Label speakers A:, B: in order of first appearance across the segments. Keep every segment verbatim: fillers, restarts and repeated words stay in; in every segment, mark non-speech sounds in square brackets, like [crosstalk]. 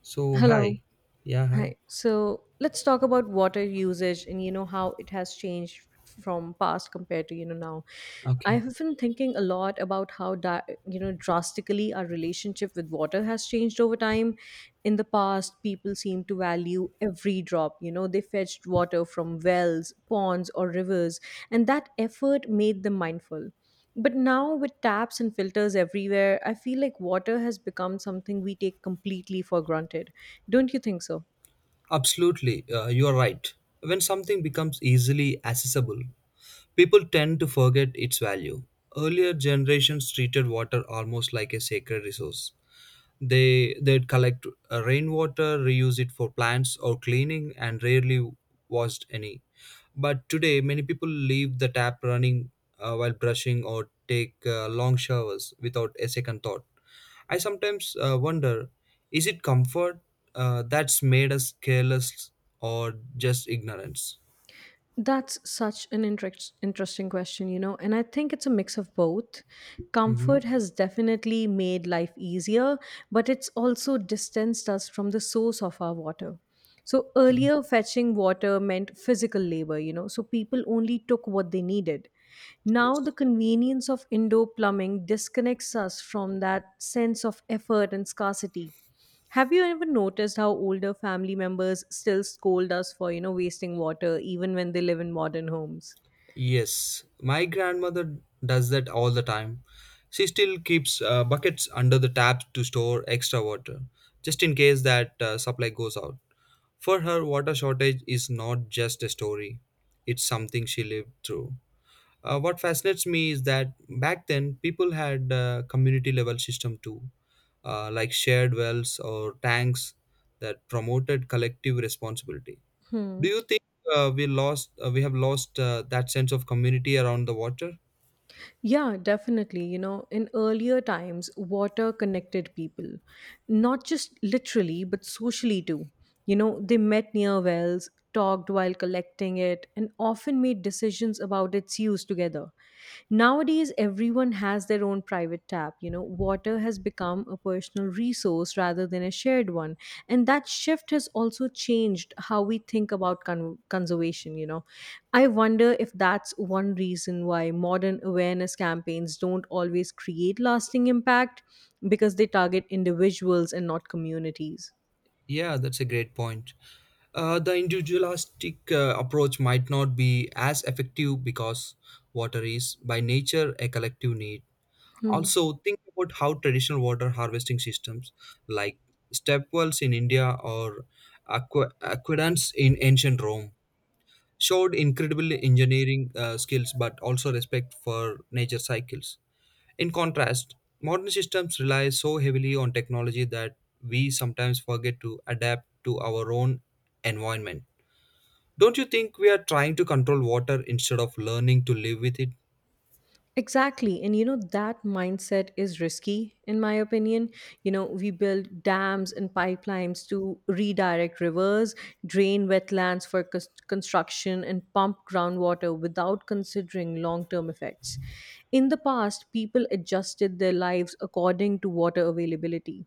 A: So,
B: Hello.
A: hi. Yeah, hi.
B: Hi. So let's talk about water usage and you know how it has changed from past compared to you know now. I
A: Okay.
B: have been thinking a lot about how di- you know drastically our relationship with water has changed over time. In the past, people seemed to value every drop. You know, they fetched water from wells, ponds, or rivers, and that effort made them mindful. But now, with taps and filters everywhere, I feel like water has become something we take completely for granted. Don't you think so?
A: Absolutely, uh, you are right. When something becomes easily accessible, people tend to forget its value. Earlier generations treated water almost like a sacred resource. They they'd collect uh, rainwater, reuse it for plants or cleaning, and rarely washed any. But today, many people leave the tap running uh, while brushing or take uh, long showers without a second thought. I sometimes uh, wonder, is it comfort uh, that's made us careless, or just ignorance?
B: That's such an interest, interesting question, you know, and I think it's a mix of both.
A: Mm-hmm.
B: Comfort has definitely made life easier, but it's also distanced us from the source of our water. So
A: Okay.
B: earlier, fetching water meant physical labor, you know, so people only took what they needed. Now,
A: Yes.
B: the convenience of indoor plumbing disconnects us from that sense of effort and scarcity. Have you ever noticed how older family members still scold us for, you know, wasting water even when they live in modern homes?
A: Yes, my grandmother does that all the time. She still keeps uh, buckets under the taps to store extra water, just in case that uh, supply goes out. For her, water shortage is not just a story, it's something she lived through. Uh, what fascinates me is that back then, people had a community level system too, uh, like shared wells or tanks that promoted collective responsibility.
B: Hmm.
A: Do you think uh, we lost uh, we have lost uh, that sense of community around the water?
B: Yeah, definitely. You know, in earlier times, water connected people, not just literally, but socially too. You know, they met near wells, talked while collecting it, and often made decisions about its use together. Nowadays, everyone has their own private tap. You know, water has become a personal resource rather than a shared one. And that shift has also changed how we think about con- conservation. You know, I wonder if that's one reason why modern awareness campaigns don't always create lasting impact because they target individuals and not communities.
A: Yeah, that's a great point. Uh, the individualistic uh, approach might not be as effective because water is by nature a collective need.
B: Hmm.
A: Also, think about how traditional water harvesting systems like step wells in India or aqua- aqueducts in ancient Rome showed incredible engineering uh, skills, but also respect for nature cycles. In contrast, modern systems rely so heavily on technology that we sometimes forget to adapt to our own environment. Don't you think we are trying to control water instead of learning to live with it?
B: Exactly. And you know, that mindset is risky, in my opinion. You know, we build dams and pipelines to redirect rivers, drain wetlands for cons- construction, and pump groundwater without considering long term effects. In the past, people adjusted their lives according to water availability,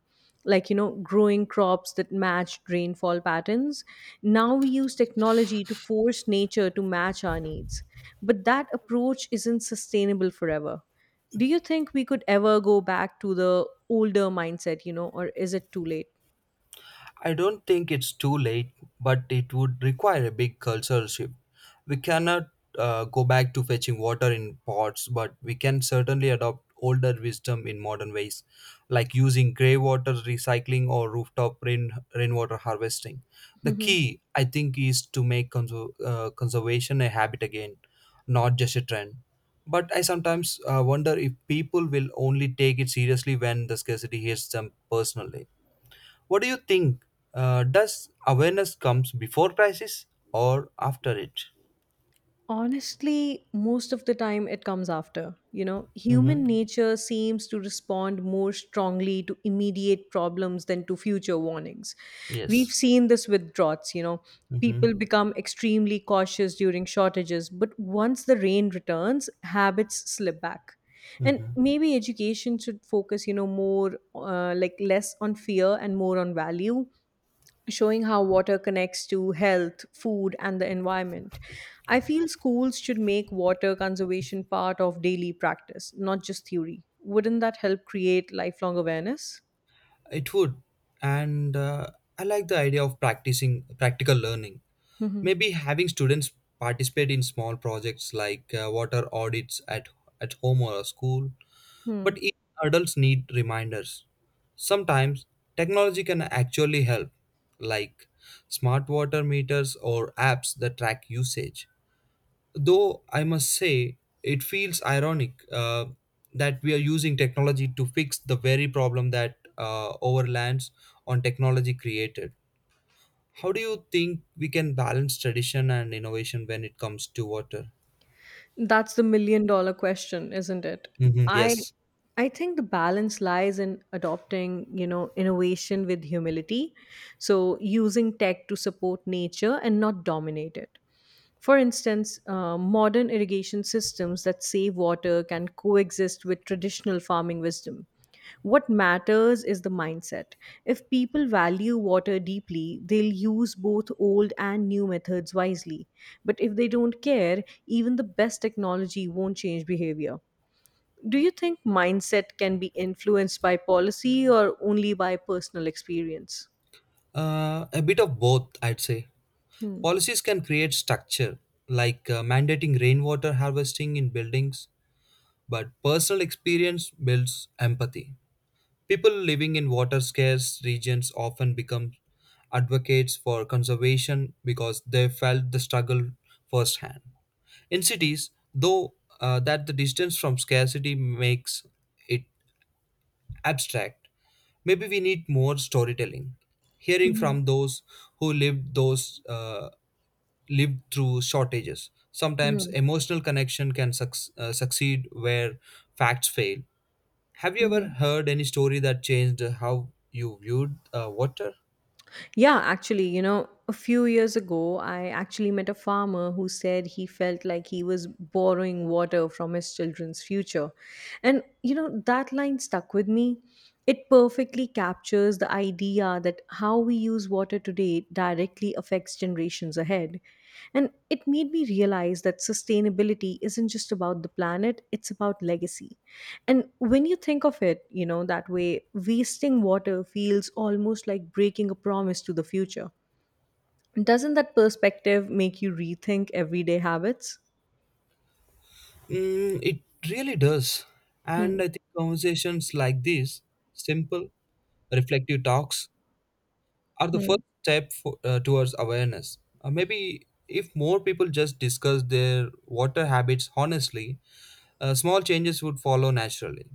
B: like you know growing crops that matched rainfall patterns. Now we use technology to force nature to match our needs, but that approach isn't sustainable forever. Do you think we could ever go back to the older mindset, you know, or is it too
A: I don't think it's too late, but it would require a big cultural shift. We cannot uh, go back to fetching water in pots, but we can certainly adopt older wisdom in modern ways, like using grey water recycling or rooftop rain rainwater harvesting. The
B: late? [laughs]
A: key, I think, is to make conser- uh, conservation a habit again, not just a trend. But I sometimes uh, wonder if people will only take it seriously when the scarcity hits them personally. What do you think? Uh, does awareness comes before crisis, or after it?
B: Honestly, most of the time it comes after. You know, human
A: Mm-hmm.
B: nature seems to respond more strongly to immediate problems than to future warnings. We've
A: Yes.
B: seen this with droughts, you know.
A: Mm-hmm.
B: People become extremely cautious during shortages, but once the rain returns, habits slip back. And
A: Mm-hmm.
B: maybe education should focus, you know, more uh, like less on fear and more on value, showing how water connects to health, food, and the environment. I feel schools should make water conservation part of daily practice, not just theory. Wouldn't that help create lifelong awareness?
A: It would, and uh, I like the idea of practicing practical learning.
B: Mhm.
A: Maybe having students participate in small projects like uh, water audits at at home or a school,
B: Hmm.
A: but even adults need reminders. Sometimes technology can actually help, like smart water meters or apps that track usage. Though I must say, it feels ironic uh, that we are using technology to fix the very problem that uh, overlands on technology created. How do you think we can balance tradition and innovation when it comes to water?
B: That's the million dollar question, isn't it?
A: Mhm.
B: I
A: Yes,
B: I think the balance lies in adopting, you know, innovation with humility. So using tech to support nature and not dominate it. For instance, uh, modern irrigation systems that save water can coexist with traditional farming wisdom. What matters is the mindset. If people value water deeply, they'll use both old and new methods wisely. But if they don't care, even the best technology won't change behavior. Do you think mindset can be influenced by policy or only by personal experience?
A: uh, a bit of both, I'd say.
B: Hmm.
A: Policies can create structure, like uh, mandating rainwater harvesting in buildings, but personal experience builds empathy. People living in water scarce regions often become advocates for conservation because they felt the struggle firsthand. In cities, though, uh, that the distance from scarcity makes it abstract. Maybe we need more storytelling, hearing from
B: Mhm.
A: those who lived those uh, lived through shortages. Sometimes
B: Mhm.
A: emotional connection can suc- uh, succeed where facts fail. Have you ever
B: Mhm.
A: heard any story that changed how you viewed uh, water?
B: Yeah, actually, you know, a few years ago, I actually met a farmer who said he felt like he was borrowing water from his children's future. And, you know, that line stuck with me. It perfectly captures the idea that how we use water today directly affects generations ahead. And it made me realize that sustainability isn't just about the planet, it's about legacy. And when you think of it, you know, that way, wasting water feels almost like breaking a promise to the future. Doesn't that perspective make you rethink everyday habits?
A: Mm, it really does. And
B: Hmm.
A: I think conversations like these, simple, reflective talks, are the
B: Hmm.
A: first step for, uh, towards awareness. Uh, maybe if more people just discuss their water habits honestly, uh, small changes would follow naturally.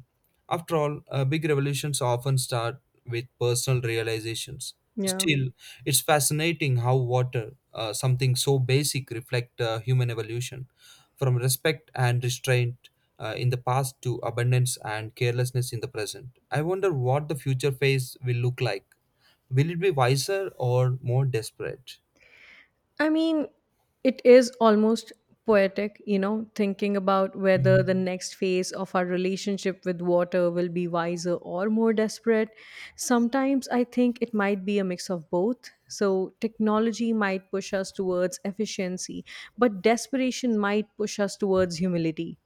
A: After all, uh, big revolutions often start with personal realizations.
B: Yeah.
A: Still, it's fascinating how water, uh, something so basic, reflect uh, human evolution, from respect and restraint uh, in the past to abundance and carelessness in the present. I wonder what the future phase will look like. Will it be wiser or more desperate?
B: I mean, it is almost poetic, you know, thinking about whether
A: Mm.
B: the next phase of our relationship with water will be wiser or more desperate. Sometimes I think it might be a mix of both. So, technology might push us towards efficiency, but desperation might push us towards humility.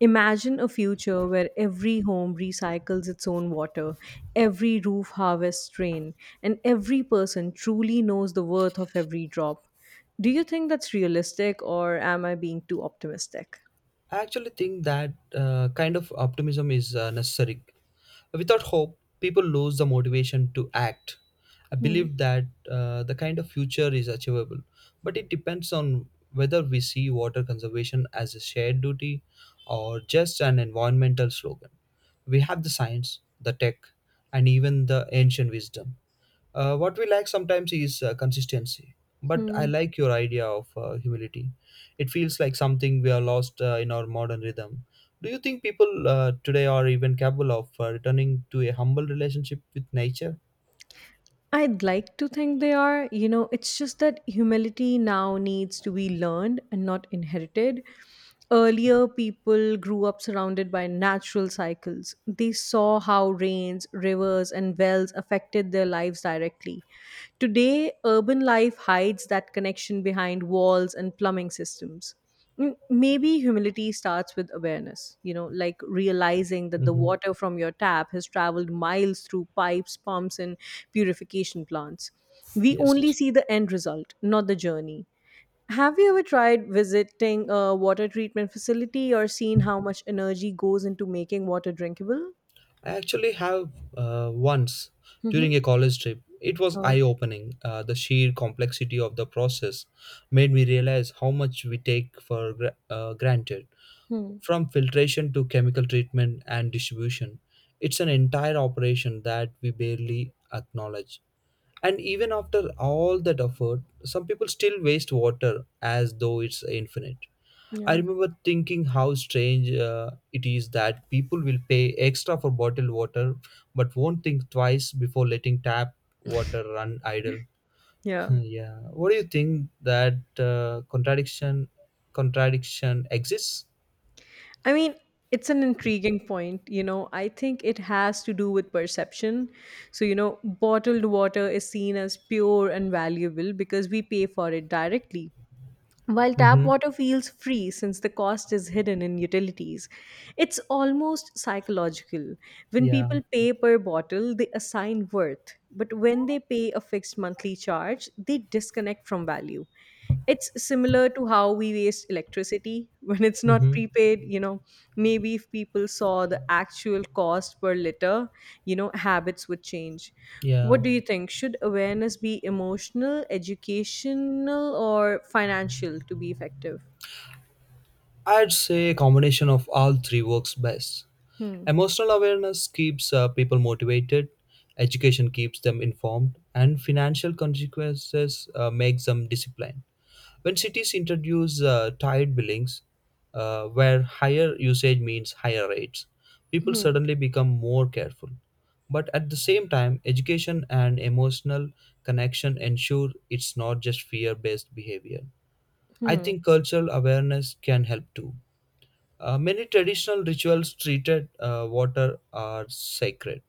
B: Imagine a future where every home recycles its own water, every roof harvests rain, and every person truly knows the worth of every drop. Do you think that's realistic, or am I being too optimistic?
A: I actually think that uh, kind of optimism is uh, necessary. Without hope, people lose the motivation to act. I
B: Hmm.
A: believe that uh, the kind of future is achievable, but it depends on whether we see water conservation as a shared duty or just an environmental slogan. We have the science, the tech, and even the ancient wisdom. Uh, what we lack sometimes is uh, consistency. But I
B: Hmm.
A: like your idea of uh, humility. It feels like something we are lost uh, in our modern rhythm. Do you think people uh, today are even capable of uh, returning to a humble relationship with nature?
B: I'd like to think they are. You know, it's just that humility now needs to be learned and not inherited. Earlier, people grew up surrounded by natural cycles. They saw how rains, rivers, and wells affected their lives directly. Today, urban life hides that connection behind walls and plumbing systems. Mm, maybe humility starts with awareness, you know, like realizing that the
A: Mm-hmm.
B: water from your tap has traveled miles through pipes, pumps, and purification plants. We only
A: Yes.
B: see the end result, not the journey. Have you ever tried visiting a water treatment facility or seen how much energy goes into making water drinkable?
A: I actually have uh, once
B: Mm-hmm.
A: during a college trip. It was
B: Oh.
A: eye opening. Uh, the sheer complexity of the process made me realize how much we take for gra- uh, granted.
B: Hmm.
A: From filtration to chemical treatment and distribution, it's an entire operation that we barely acknowledge. And even after all that effort, some people still waste water as though it's infinite. I
B: Yeah.
A: remember thinking how strange uh, it is that people will pay extra for bottled water but won't think twice before letting tap water run idle.
B: Yeah.
A: [laughs] Yeah. What do you think that uh, contradiction contradiction exists?
B: I mean, it's an intriguing point. You know, I think it has to do with perception. So, you know, bottled water is seen as pure and valuable because we pay for it directly. While tap
A: Mm-hmm.
B: water feels free since the cost is hidden in utilities, it's almost psychological. When
A: Yeah.
B: people pay per bottle, they assign worth, but when they pay a fixed monthly charge, they disconnect from value. It's similar to how we waste electricity [laughs] when it's not
A: Mm-hmm.
B: prepaid. You know, maybe if people saw the actual cost per liter, you know, habits would change. What
A: Yeah.
B: do you think? Should awareness be emotional, educational, or financial to be effective?
A: I'd say a combination of all three works best.
B: Hmm.
A: Emotional awareness keeps uh, people motivated, education keeps them informed, and financial consequences uh, makes them disciplined. When cities introduce uh, tiered billings, uh, where higher usage means higher rates, people
B: Hmm.
A: suddenly become more careful. But at the same time, education and emotional connection ensure it's not just fear based behavior. I
B: Hmm.
A: think cultural awareness can help too. Uh, many traditional rituals treated uh, water are sacred.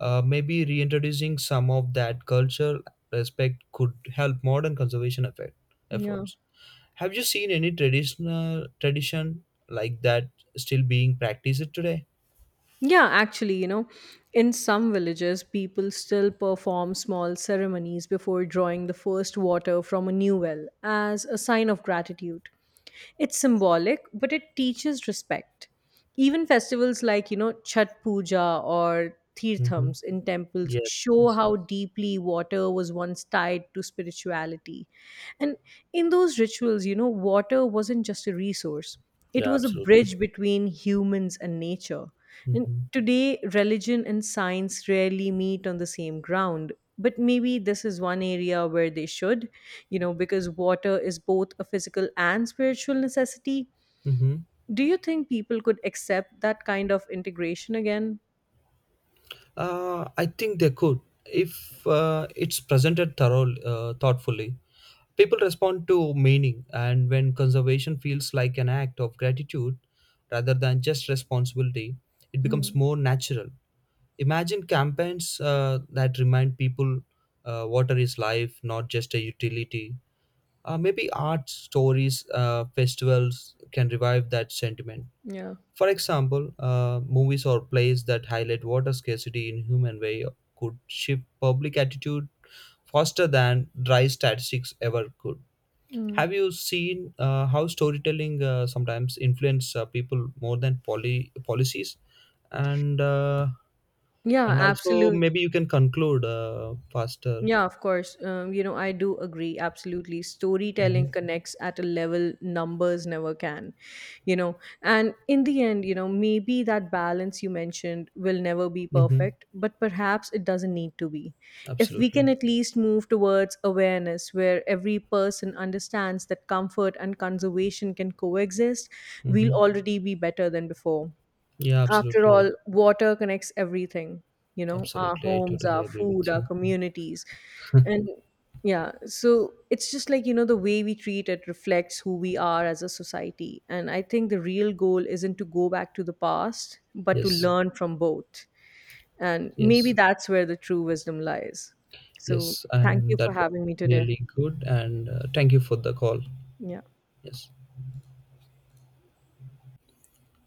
A: Uh, maybe reintroducing some of that cultural respect could help modern conservation effect,
B: Yeah.
A: efforts. Have you seen any traditional tradition like that still being practiced today?
B: Yeah, actually, you know, in some villages, people still perform small ceremonies before drawing the first water from a new well as a sign of gratitude. It's symbolic, but it teaches respect. Even festivals like, you know, Chhat Puja or
A: Mm-hmm.
B: Tirthams in temples
A: Yes,
B: show
A: yes,
B: how
A: yes.
B: deeply water was once tied to spirituality. And in those rituals, you know, water wasn't just a resource, it
A: Yeah,
B: was a
A: absolutely.
B: bridge between humans and nature. And
A: Mm-hmm.
B: today, religion and science rarely meet on the same ground. But maybe this is one area where they should, you know, because water is both a physical and spiritual necessity.
A: Mm-hmm.
B: Do you think people could accept that kind of integration again?
A: Uh, I think they could if uh, it's presented thorough, uh, thoughtfully. People respond to meaning, and when conservation feels like an act of gratitude rather than just responsibility, it becomes
B: Mm,
A: more natural. Imagine campaigns uh, that remind people uh, water is life, not just a utility. Uh, maybe art, stories, uh, festivals can revive that sentiment.
B: yeah.
A: For example, uh, movies or plays that highlight water scarcity in human way could shift public attitude faster than dry statistics ever could.
B: Mm.
A: Have you seen uh, how storytelling uh, sometimes influence uh, people more than poly- policies? And uh,
B: Yeah,
A: and also
B: absolutely.
A: maybe you can conclude uh, faster.
B: Yeah, of course. Um, you know, I do agree absolutely.
A: Mm-hmm.
B: Storytelling connects at a level numbers never can, you know. And in the end, you know, maybe that balance you mentioned will never be
A: Mm-hmm.
B: perfect, but perhaps it doesn't need to be. If we can
A: Absolutely.
B: at least move towards awareness where every person understands that comfort and conservation can coexist, we'll
A: Mm-hmm.
B: already be better than before.
A: Yeah,
B: After
A: absolutely. I,
B: all, water connects everything, you know, our
A: absolutely. I
B: homes,
A: totally
B: our
A: agree
B: food,
A: with
B: our
A: you.
B: communities. And yeah, so it's just like, you know, the way we treat it reflects who we are as a society. And I think the real goal isn't to go back to the past, but to
A: Yes.
B: learn from both. And maybe
A: Yes.
B: that's where the true wisdom lies. So
A: Yes,
B: thank you
A: and that
B: for
A: was
B: having me today.
A: really good. And uh, thank you for the call.
B: Yeah.
A: Yes.